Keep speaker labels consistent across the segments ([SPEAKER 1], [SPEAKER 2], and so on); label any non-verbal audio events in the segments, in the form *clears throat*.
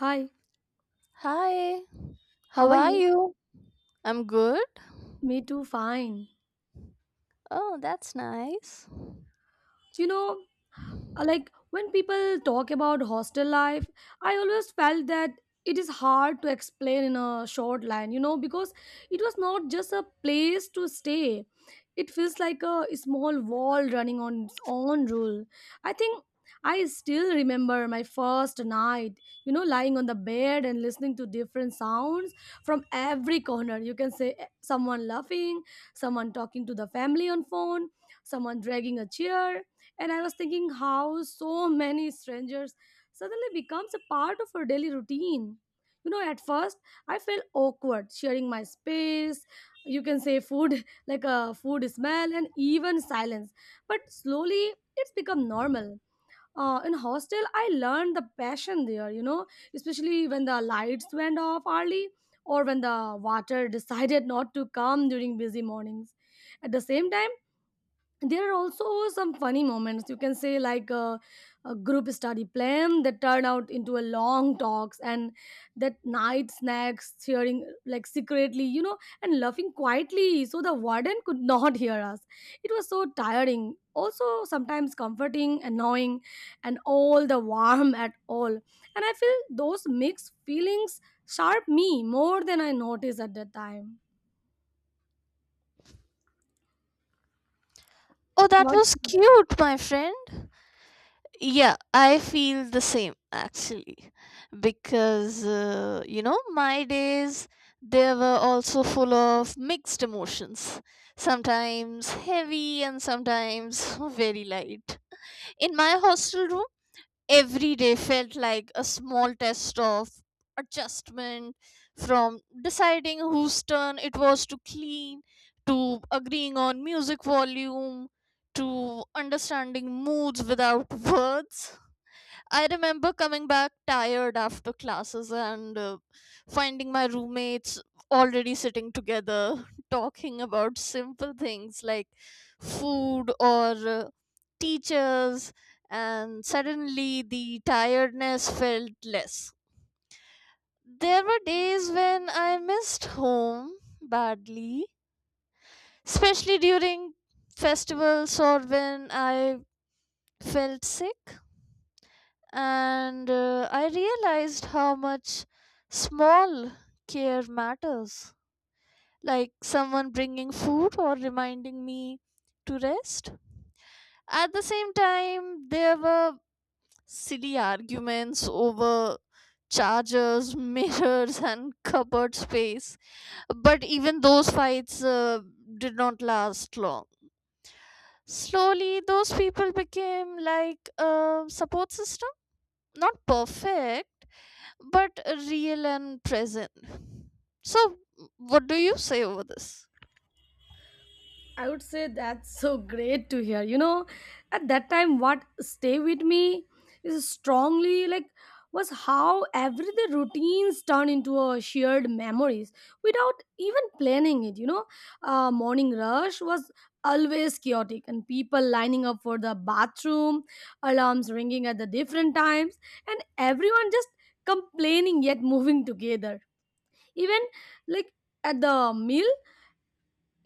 [SPEAKER 1] Hi,
[SPEAKER 2] Hi,
[SPEAKER 1] how
[SPEAKER 2] how
[SPEAKER 1] are
[SPEAKER 2] are
[SPEAKER 1] you?
[SPEAKER 2] you? I'm good.
[SPEAKER 1] Me too, fine.
[SPEAKER 2] Oh, that's nice.
[SPEAKER 1] You know, like when people talk about hostel life, I always felt that it is hard to explain in a short line, because it was not just a place to stay. It feels like a small wall running on its own rule. I think I still remember my first night, lying on the bed and listening to different sounds from every corner. You can say someone laughing, someone talking to the family on phone, someone dragging a chair, and I was thinking how so many strangers suddenly becomes a part of our daily routine. At first, I felt awkward sharing my space. You can say food *laughs* like a food smell and even silence. But slowly it's become normal. In hostel I learned the passion there, especially when the lights went off early or when the water *laughs* decided not to come during busy mornings. At the same time, there are also some funny moments. You can say like a group study plan that turn out into a long talks, and that night snacks cheering like secretly, and laughing quietly so the warden could *laughs* not hear us. It was so tiring, also sometimes comforting, annoying, and all the warm at all. And I feel those mixed feelings sharp me more than I noticed at that time.
[SPEAKER 2] Oh, that
[SPEAKER 1] What?
[SPEAKER 2] was cute, my friend. Yeah, I feel the same actually. Because, you know, my days, they were also full of mixed emotions. Sometimes heavy and sometimes *laughs* very light. In my hostel room, every day felt like a small test of adjustment, from deciding whose turn it was to clean, to agreeing on music volume, to understanding moods without words. I remember coming back tired after classes and finding my roommates already sitting together *laughs* talking about simple things like food or teachers, and suddenly the tiredness felt less. There were days when I missed home badly, especially during festivals or when I felt sick. And I realized how much small care matters. Like someone bringing food or reminding me to rest. At the same time, there were silly arguments over chargers, *laughs* mirrors, and cupboard space. But even those fights did not last long. Slowly, those people became like a support system. Not perfect, but real and present. So, what do you say over this?
[SPEAKER 1] I would say that's so great to hear. At that time, what stay with me is strongly was how every the routines turn into a shared memories without even planning it. Morning rush was always chaotic, and people lining up for the bathroom, alarms ringing at the different times, and everyone just complaining yet moving together. Even like at the meal,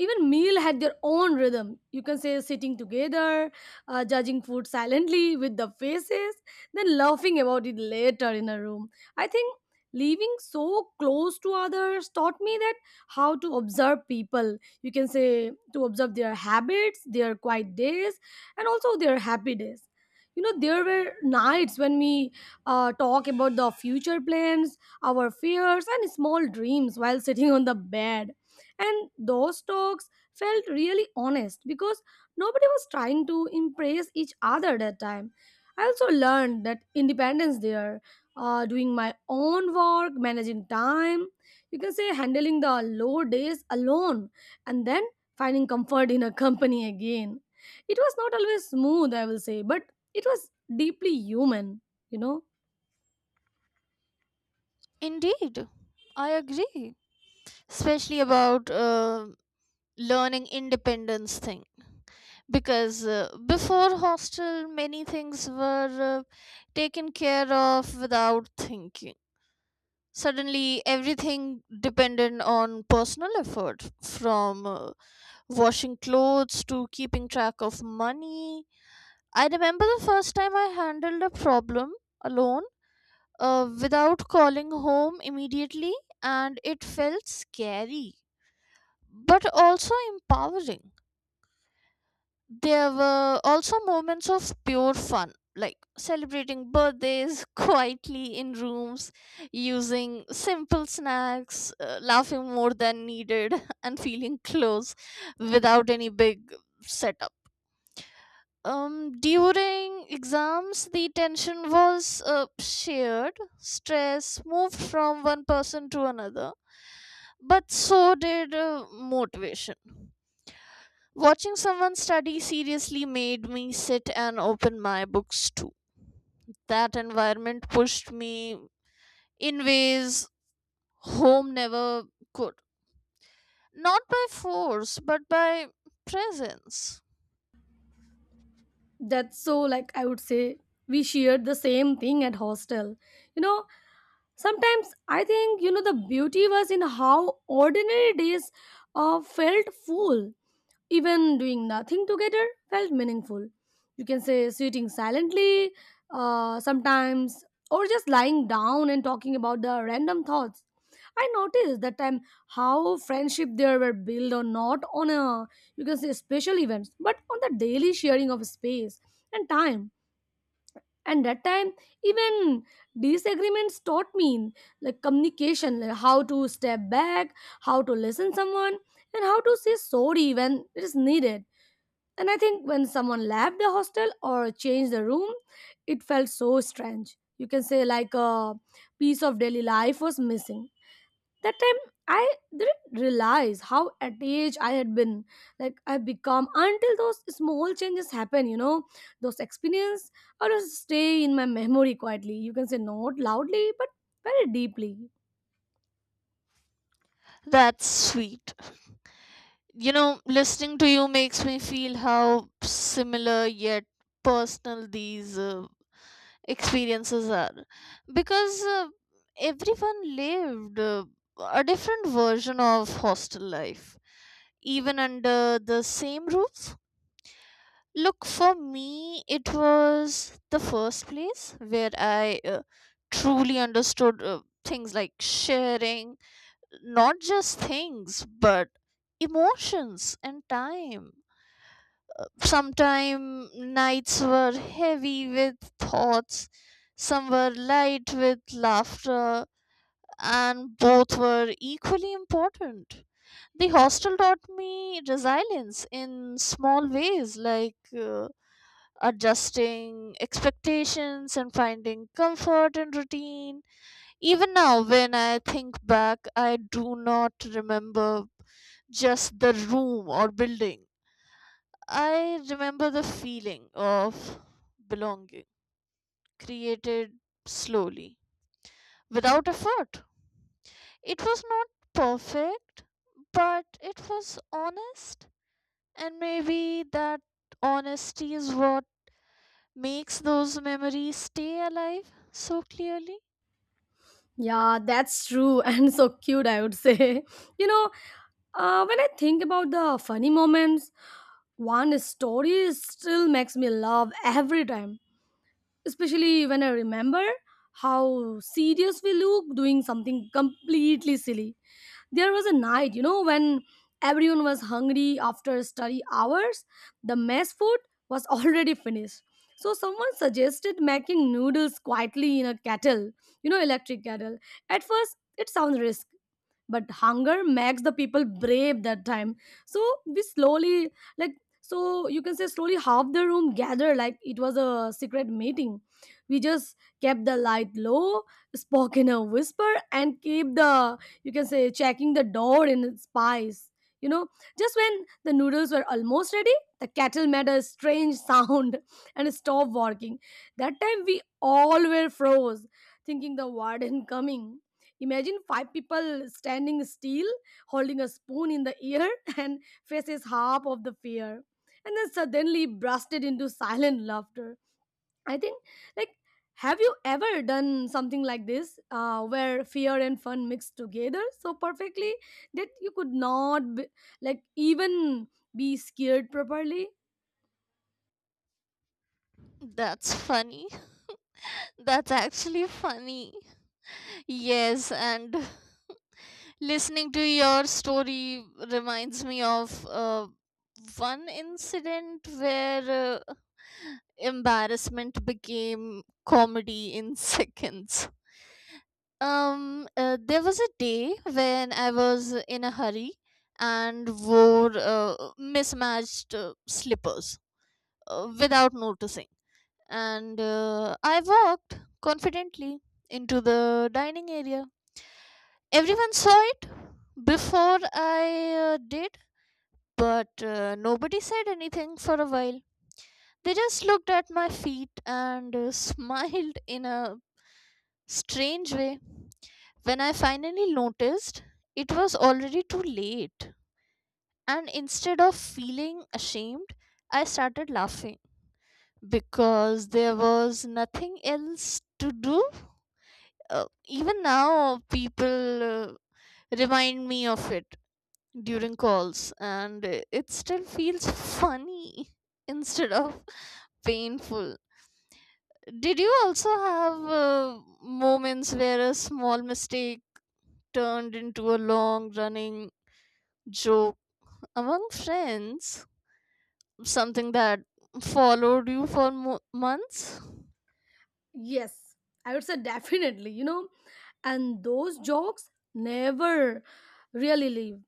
[SPEAKER 1] even meal had their own rhythm. You can say sitting together, judging food silently with the faces, then laughing about it later in a room. I think living so close to others taught me that how to observe people. You can say to observe their habits, their quiet days, and also their happy days. There were nights when we talk about the future plans, our fears and small dreams while sitting on the bed, and those talks felt really honest because nobody was trying to impress each other that time. I also learned that independence there, doing my own work, managing time, you can say handling the low days alone, and then finding comfort in a company again. It was not always smooth, I will say, but it was deeply human, you know.
[SPEAKER 2] Indeed, I agree, especially about learning independence thing. Because before hostel, many things were taken care of without thinking. Suddenly, everything depended on personal effort, from washing clothes to keeping track of money. I remember the first time I handled a problem alone, without calling home immediately, and it felt scary but also empowering. There were also moments of pure fun, like celebrating birthdays *laughs* quietly in rooms, using simple snacks, laughing more than needed, *laughs* and feeling close without any big setup. During exams, the tension was shared, stress moved from one person to another, but so did motivation. Watching someone study seriously made me sit and open my books too. That environment pushed me in ways home never could. Not by force, but by presence.
[SPEAKER 1] That's so, I would say, we shared the same thing at hostel. You know, Sometimes I think, the beauty was in how ordinary days felt full. Even doing nothing together felt meaningful. You can say sitting silently sometimes, or just lying down and talking about the random thoughts. I noticed that time how friendship there were built or not on a, you can say, special events, but on the daily sharing of space and time. And that time, even disagreements taught me like communication, like how to step back, how to listen someone, and how to say sorry when it is needed. And I think when someone left the hostel or changed the room, it felt so strange. You can say like a piece of daily life was missing. That time I didn't realize how attached I had been, I become, until those small changes happen. Those experience or just stay in my memory quietly. You can say not loudly, but very deeply.
[SPEAKER 2] That's sweet. You know, listening to you makes me feel how similar yet personal these experiences are. Because everyone lived a different version of hostel life, even under the same roof. Look, for me, it was the first place where I truly understood things like sharing, not just things, but emotions and time. Sometimes nights were heavy with thoughts, some were light with laughter, and both were equally important. The hostel taught me resilience in small ways, like adjusting expectations and finding comfort in routine. Even now, when I think back, I do not remember just the room or building. I remember the feeling of belonging, created slowly, without effort. It was not perfect, but it was honest, and maybe that honesty is what makes those memories stay alive so clearly.
[SPEAKER 1] Yeah, that's true, *laughs* and so cute, I would say. *laughs* you know when I think about the funny moments, one story still makes me laugh every time, especially when I remember how serious we look doing something completely silly. There was a night, when everyone was hungry after study hours. The mess food was *laughs* already finished. So someone suggested making noodles quietly in a kettle, you know, electric kettle. At first, it sounds risky, but hunger makes the people brave that time. So we slowly, you can say slowly, half the room gathered like it was a secret meeting. We just kept the light low, spoke in a whisper, and keep the, you can say, checking the door in spies. you know just when the noodles were almost ready, the kettle made a strange sound *laughs* and stopped working. That time we all were froze, thinking the warden coming. Imagine five people standing still, holding a spoon in the air, *laughs* and faces half of the fear, and then suddenly bursted into silent laughter. I think, like, have you ever done something like this, where fear and fun mixed together so perfectly that you could not, even be scared properly?
[SPEAKER 2] That's funny. *laughs* That's actually funny. Yes, and listening to your story reminds me of one incident where embarrassment became comedy in *laughs* seconds. There was a day when I was in a hurry and wore mismatched slippers without noticing, and I walked confidently into the dining area. Everyone saw it before I did. But nobody said anything for a while. They just looked at my feet and *laughs* smiled in a strange way. When I finally noticed, it was already too late. And instead of feeling ashamed, I started laughing because there was nothing else to do. Even now, people uh, remind me of it during calls, and it still feels funny *laughs* instead of painful. Did you also have moments where a small mistake turned into a long running joke among friends? Something that followed you for months?
[SPEAKER 1] Yes, I would say *laughs* definitely. And those jokes never really leave,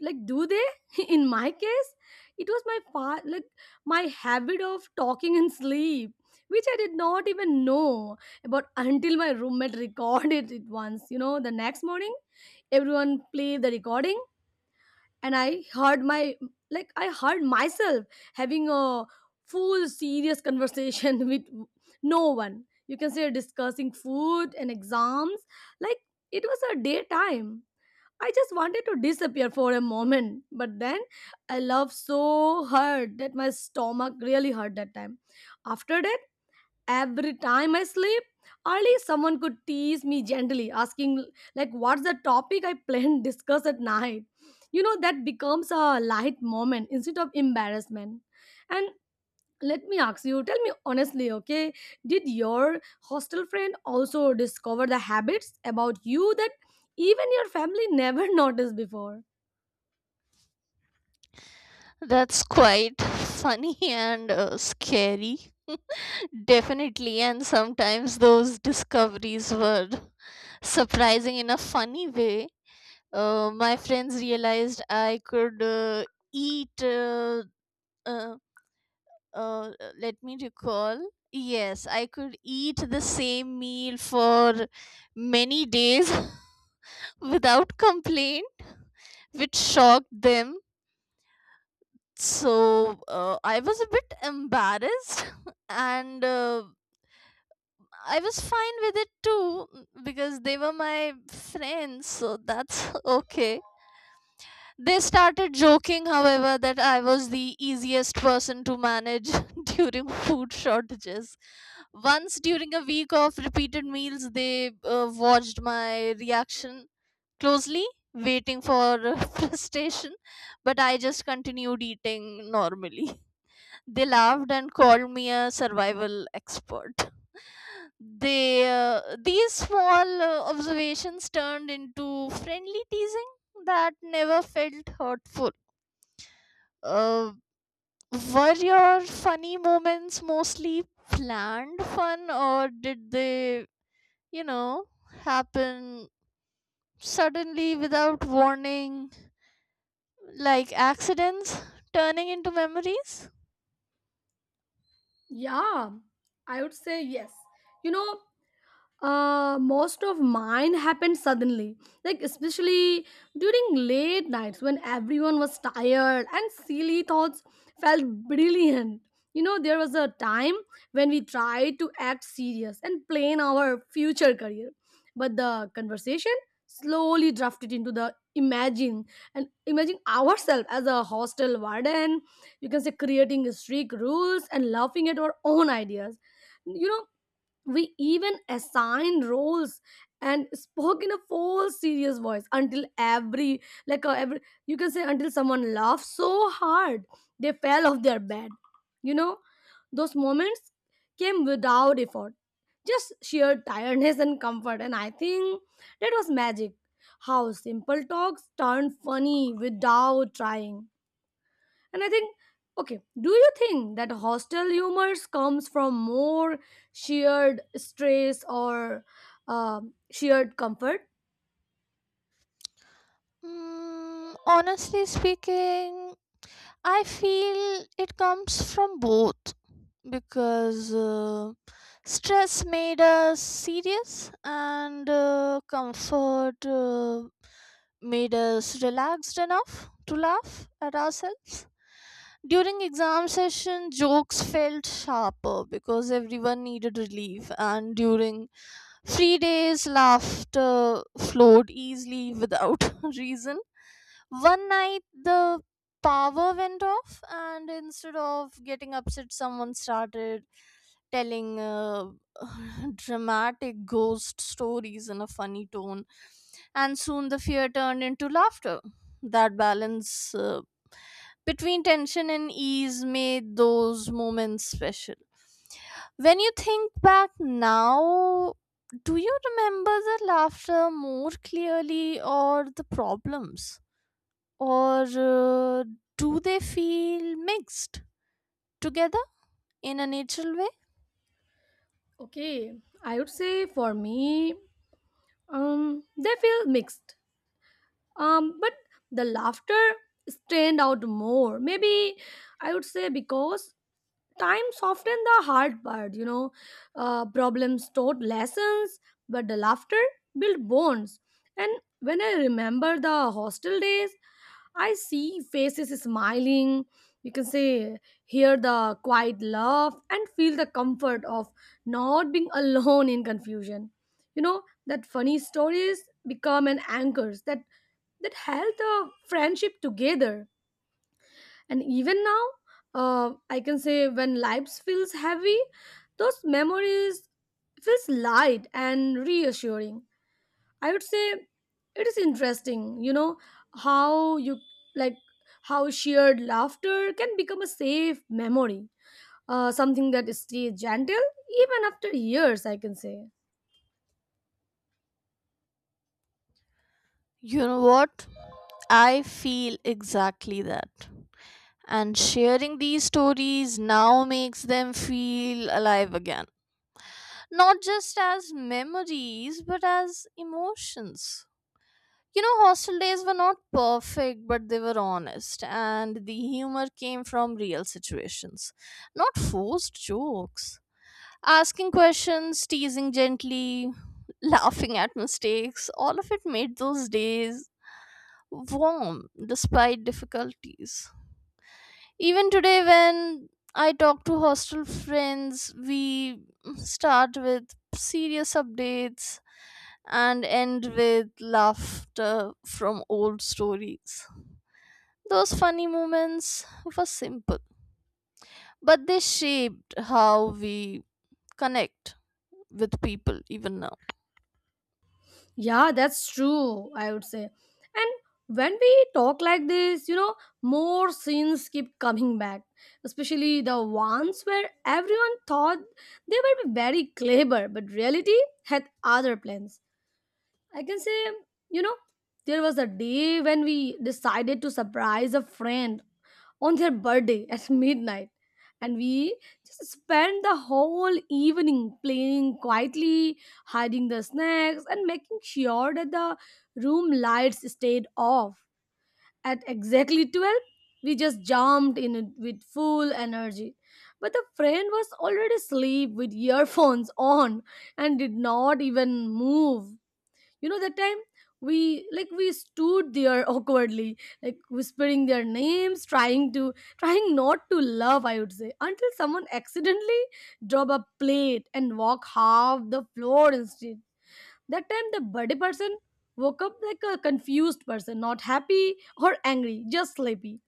[SPEAKER 1] like do they? *laughs* In my case it was my my habit of talking in sleep, which I did not even know about until my roommate *laughs* recorded it once. The next morning everyone played the recording, and I heard my, I heard myself having a full serious conversation *laughs* with no one. You can say discussing food and exams like it was a daytime. I just wanted to disappear for a moment, but then I laughed so hard that my stomach really hurt that time. After that, every time I sleep early, someone could tease me gently, asking like what's the topic I plan discuss at night. You know, that becomes a light moment instead of embarrassment. And let me ask you, tell me honestly, okay, did your hostel friend also discover the habits about you that even your family never *laughs* noticed before?
[SPEAKER 2] That's quite funny *laughs* and scary. Definitely, and sometimes those discoveries were *laughs* surprising in a funny way. My friends realized I could eat. Uh, Let me recall. Yes, I could eat the same meal for many days *laughs* without complaint, which shocked them. So I was a bit embarrassed, *laughs* and I was fine with it too because they were my friends, so that's *laughs* okay. They started joking, however, that I was the easiest person to manage *laughs* during food shortages. Once during a week of repeated meals, they watched my reaction closely, waiting for *laughs* frustration, but I just continued eating normally. *laughs* They laughed and called me a survival expert. They These small observations turned into friendly teasing that never felt hurtful. Uh, were your funny moments mostly planned fun, or did they, you know, happen suddenly without warning, like accidents turning into memories?
[SPEAKER 1] Yeah, I would say yes. you know Most of mine happened suddenly, especially during late nights when everyone was tired and silly thoughts felt brilliant. You know, there was a time when we tried to act serious and plan our future career, but the conversation slowly drifted into the imagine ourselves as a hostel warden. You can say creating strict rules and laughing at our own ideas. you know we even assign roles and spoke in a full serious voice until every you can say until someone laughed so hard they fell off their bed. you know those moments came without effort, just sheer tiredness and comfort. And I think that was magic, how simple talks turned funny without trying. And I think, okay, do you think that hostel humors comes from more shared stress or shared comfort?
[SPEAKER 2] Mm, honestly speaking, I feel it comes from both because stress made us serious and comfort made us relaxed enough to laugh at ourselves. During exam session, jokes felt sharper because everyone needed relief, and during free days, laughter flowed easily without *laughs* reason. One night the power went off, and instead of getting upset, someone started telling *laughs* dramatic ghost stories in a funny tone, and soon the fear turned into laughter. That balance between tension and ease made those moments special. When you think back now, do you remember the laughter more clearly, or the problems, or do they feel mixed together in a natural way?
[SPEAKER 1] Okay, I would say for me, they feel mixed. But the laughter stand out more. Maybe, I would say, because time softened the hard part. Problems taught lessons, but the laughter built bonds. And when I remember the hostel days, I see faces smiling. You can say, hear the quiet laugh and feel the comfort of not being *laughs* alone in confusion. You know, that funny stories become an anchors that held the friendship together. And even now, I can say when life feels heavy, those memories feels light and reassuring. I would say it is interesting, how you like how shared laughter can become a safe memory, something that stays gentle even after years, I can say.
[SPEAKER 2] You know what? I feel exactly that. And sharing these stories now makes them feel alive again. Not just as memories, but as emotions. You know, hostel days were not perfect, but they were honest, and the humor came from real situations, not forced jokes. Asking questions, teasing gently, *laughs* laughing at mistakes, all of it made those days warm despite difficulties. Even today, when I talk to hostel friends, we start with serious updates and end with laughter from old stories. Those funny moments were simple, but they shaped how we connect with people even now.
[SPEAKER 1] Yeah, that's true, I would say. And when we talk like this, more scenes keep coming back, especially the ones where everyone thought they were very clever, but reality had other plans, I can say. you know, there was a day when we decided to surprise a friend on their birthday *laughs* at midnight. And we just spent the whole evening playing quietly, hiding the snacks, and making sure that the room lights stayed off. At exactly 12, we just jumped in it with full energy. But the friend was already asleep with earphones on and did not even move. That time we we stood there *laughs* awkwardly, whispering their names, trying not to laugh, I would say, until someone accidentally drop a plate and walk half the floor instead. That time the birthday person woke up like a confused person, not happy or angry, just sleepy.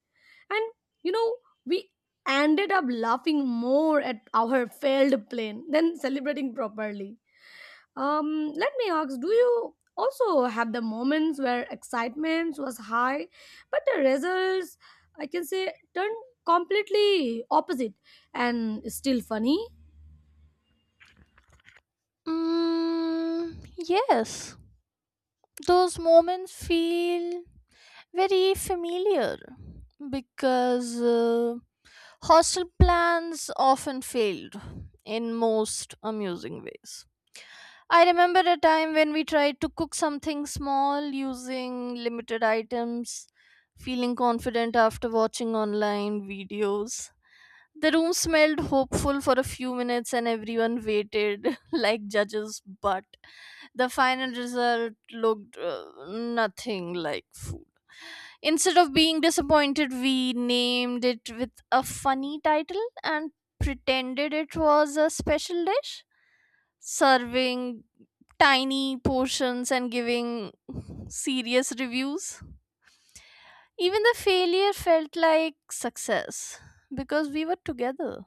[SPEAKER 1] And you know we ended up laughing more at our failed plan than *laughs* celebrating properly. Let me ask, do you also have the moments where excitement was high, but the results, I can say, turned completely opposite and still funny?
[SPEAKER 2] Mm, yes, those moments feel very familiar because hostel plans often failed in most amusing ways. I remember a time when we tried to cook something small using limited items, feeling confident after watching online videos. The room smelled hopeful for a few minutes and everyone waited *laughs* like judges, but the final result looked nothing like food. Instead of being disappointed, we named it with a funny title and pretended it was a special dish, serving tiny portions and giving *laughs* serious reviews. Even the failure felt like success because we were together.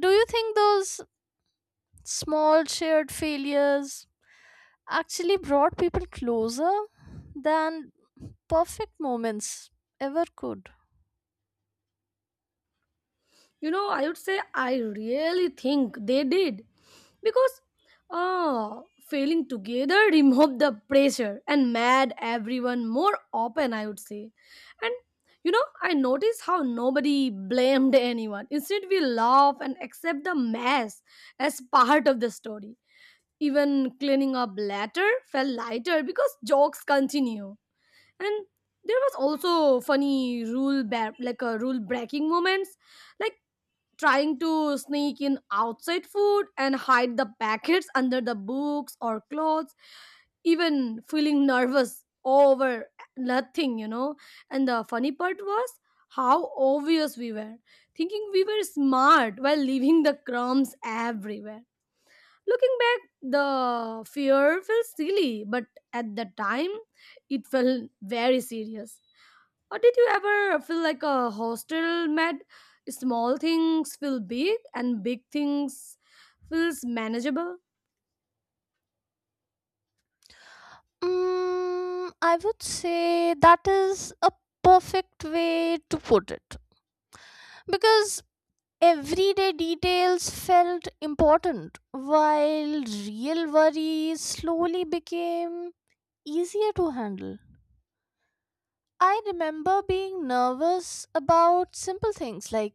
[SPEAKER 2] Do you think those small shared failures actually brought people closer than perfect moments ever could?
[SPEAKER 1] You know, I would say I really think they did, because uh failing together *laughs* removed the pressure and made everyone more open, I would say. And I noticed how nobody blamed anyone. Instead, we laugh and accept the mess as part of the story. Even cleaning up later felt lighter because jokes continue. And there was also funny like a rule breaking moments, like trying to sneak in outside food and hide the packets *laughs* under the books or clothes, even feeling nervous over nothing. And the funny part was how obvious we were, thinking we were smart while leaving the crumbs everywhere. Looking back, the fear felt silly, but at the time, it felt very serious. Or did you ever feel like a hostel mad? Small things feel big and big things feels manageable.
[SPEAKER 2] Mm, I would say that is a perfect way to put it because everyday details felt important while real worries slowly became easier to handle. I remember being nervous about simple things like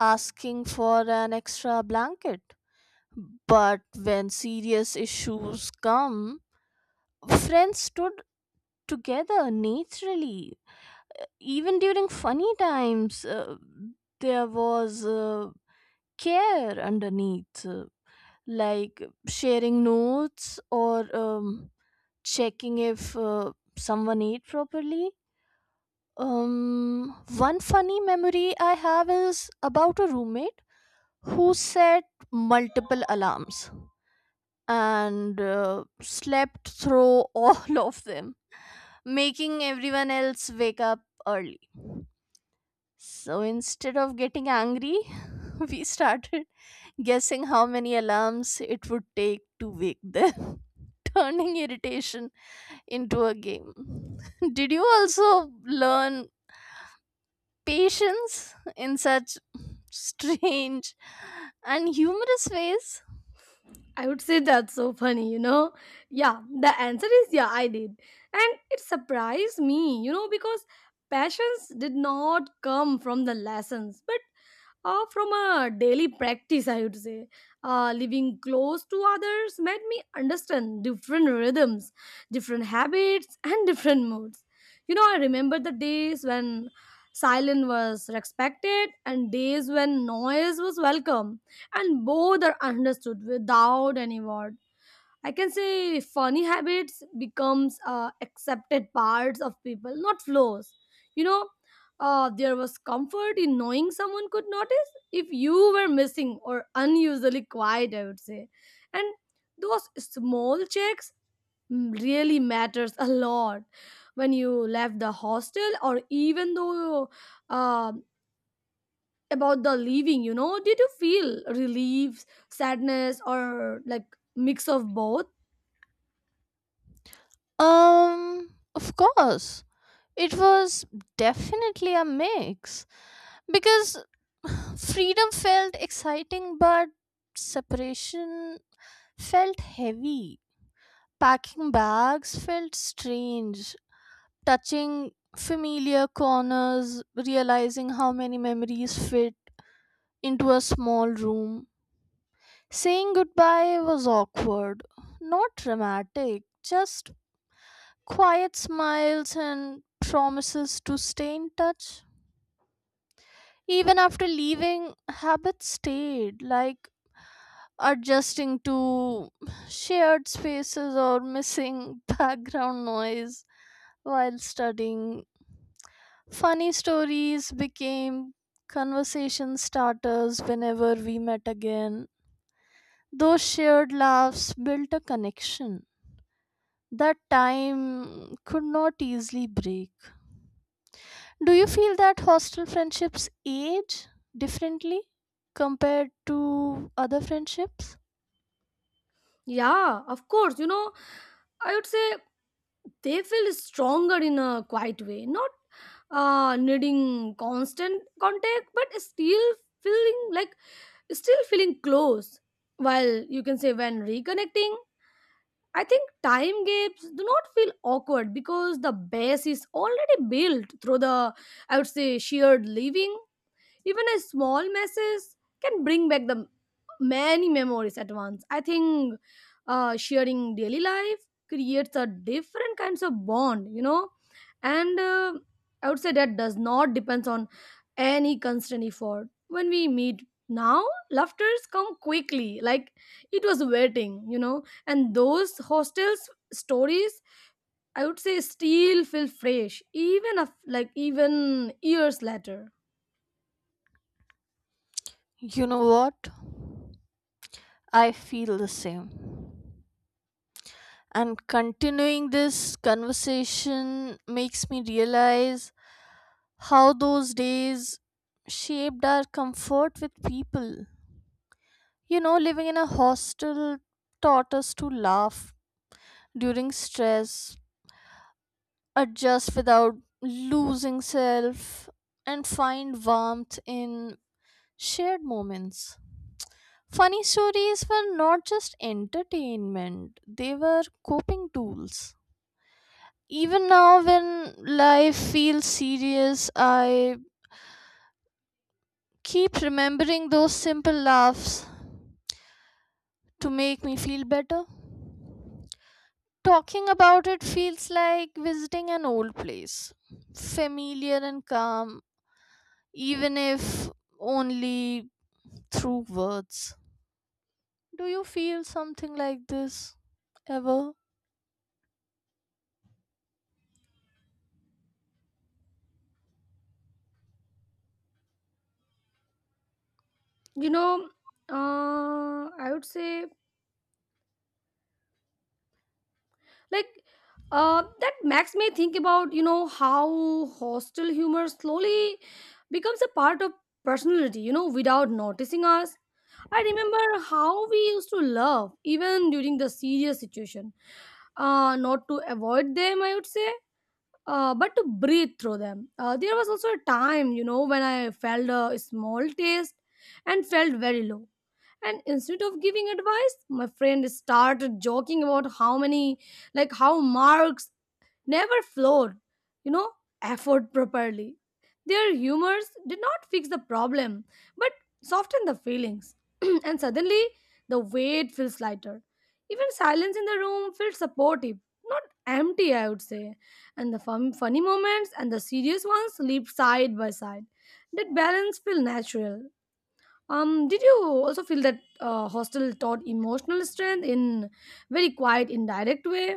[SPEAKER 2] asking for an extra blanket. But when serious issues come, friends stood together naturally. Even during funny times, there was care underneath, like sharing notes or checking if someone ate properly. One funny memory I have is about a roommate who set multiple alarms and slept through *laughs* all of them, making everyone else wake up early. So instead of getting angry, *laughs* we started guessing how many alarms it would take to wake them, *laughs* turning irritation into a game. *laughs* Did you also learn patience in such strange and humorous ways?
[SPEAKER 1] I would say that's so funny, you know? Yeah, the answer is yeah, I did. And it surprised me, you know, because passions did not come from the lessons, but from a daily practice, I would say. Living close to others made me understand different rhythms, different habits *laughs* and different moods. You know, I remember the days when silence was respected and days when noise was welcome, and both are understood without any word. I can say funny habits becomes accepted parts of people, not flaws. You know, there was comfort in knowing someone could notice if you were missing or unusually quiet, I would say. And those small checks really matters a lot when you left the hostel. Or even though, uh, about the leaving, you know, did you feel relief, sadness, or like mix of both?
[SPEAKER 2] Of course. It was definitely a mix because *sighs* freedom felt exciting, but separation felt heavy. Packing bags felt strange. Touching familiar corners, realizing how many memories fit into a small room. Saying goodbye was awkward, not dramatic, just quiet smiles and promises to stay in touch. Even after leaving, habits stayed, like adjusting to shared spaces or missing *laughs* background noise while studying. Funny stories became conversation starters whenever we met again. Those shared laughs built a connection that time could not easily break. Do you feel that hostel friendships age differently compared to other friendships?
[SPEAKER 1] Yeah, of course. You know, I would say they feel stronger in a quiet way, not needing constant contact, but still feeling like still feeling close. While you can say when reconnecting, I think time gaps do not feel awkward because the base is already built through the I would say shared living. Even a small message can bring back the many memories at once. I think sharing daily life creates a different kinds of bond, you know, and I would say that does not depends on any constant effort. When we meet now, laughters come quickly, like it was waiting, you know, and those hostels stories, I would say, still feel fresh, even like even years later.
[SPEAKER 2] You know what? I feel the same. And continuing this conversation makes me realize how those days shaped our comfort with people. You know, living in a hostel taught us to laugh during stress, adjust without losing self, and find warmth in shared moments. Funny stories were not just entertainment, they were coping tools. Even now, when life feels serious, I keep remembering those simple laughs to make me feel better. Talking about it feels like visiting an old place, familiar and calm, even if only through words. Do you feel something like this ever?
[SPEAKER 1] you know I would say like that makes me think about, you know, how hostile humor slowly becomes a part of personality, you know, without noticing us. I remember how we used to laugh even during the serious situation, not to avoid them, I would say, but to breathe through them. There was also a time, you know, when I felt a small taste and felt very low, and instead of giving advice my friend started joking about how many, how marks never flowed, you know, effort properly. Their humors did not fix the problem, but soften the feelings. *clears throat* And suddenly the weight feels lighter. Even silence in the room feels supportive, not empty, I would say. And the funny moments and the serious ones leap side by side. That balance feel natural. Did you also feel that hostel taught emotional strength in very quiet, indirect way?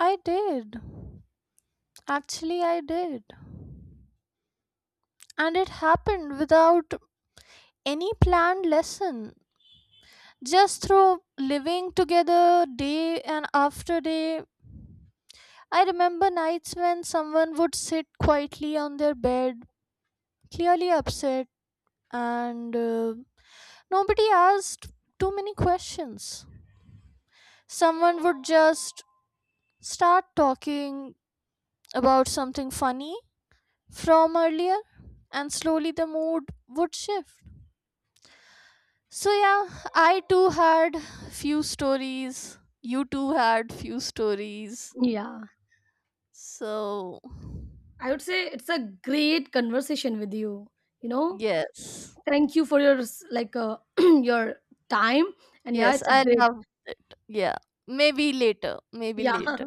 [SPEAKER 2] I did. Actually, I did. And it happened without any planned lesson, just through living together day and after day. I remember nights when someone would sit quietly on their bed, clearly upset, and nobody asked too many questions. Someone would just start talking about something funny from earlier, and slowly the mood would shift. So yeah, I too had few stories. You too had few stories.
[SPEAKER 1] Yeah,
[SPEAKER 2] So
[SPEAKER 1] I would say it's a great conversation with you. You know,
[SPEAKER 2] yes.
[SPEAKER 1] thank you for your like *clears throat* your time, and yeah,
[SPEAKER 2] Yes,
[SPEAKER 1] it's a
[SPEAKER 2] I
[SPEAKER 1] great
[SPEAKER 2] love, yeah. Maybe later. Maybe
[SPEAKER 1] yeah. *laughs*
[SPEAKER 2] later.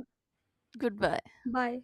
[SPEAKER 2] Goodbye.
[SPEAKER 1] Bye.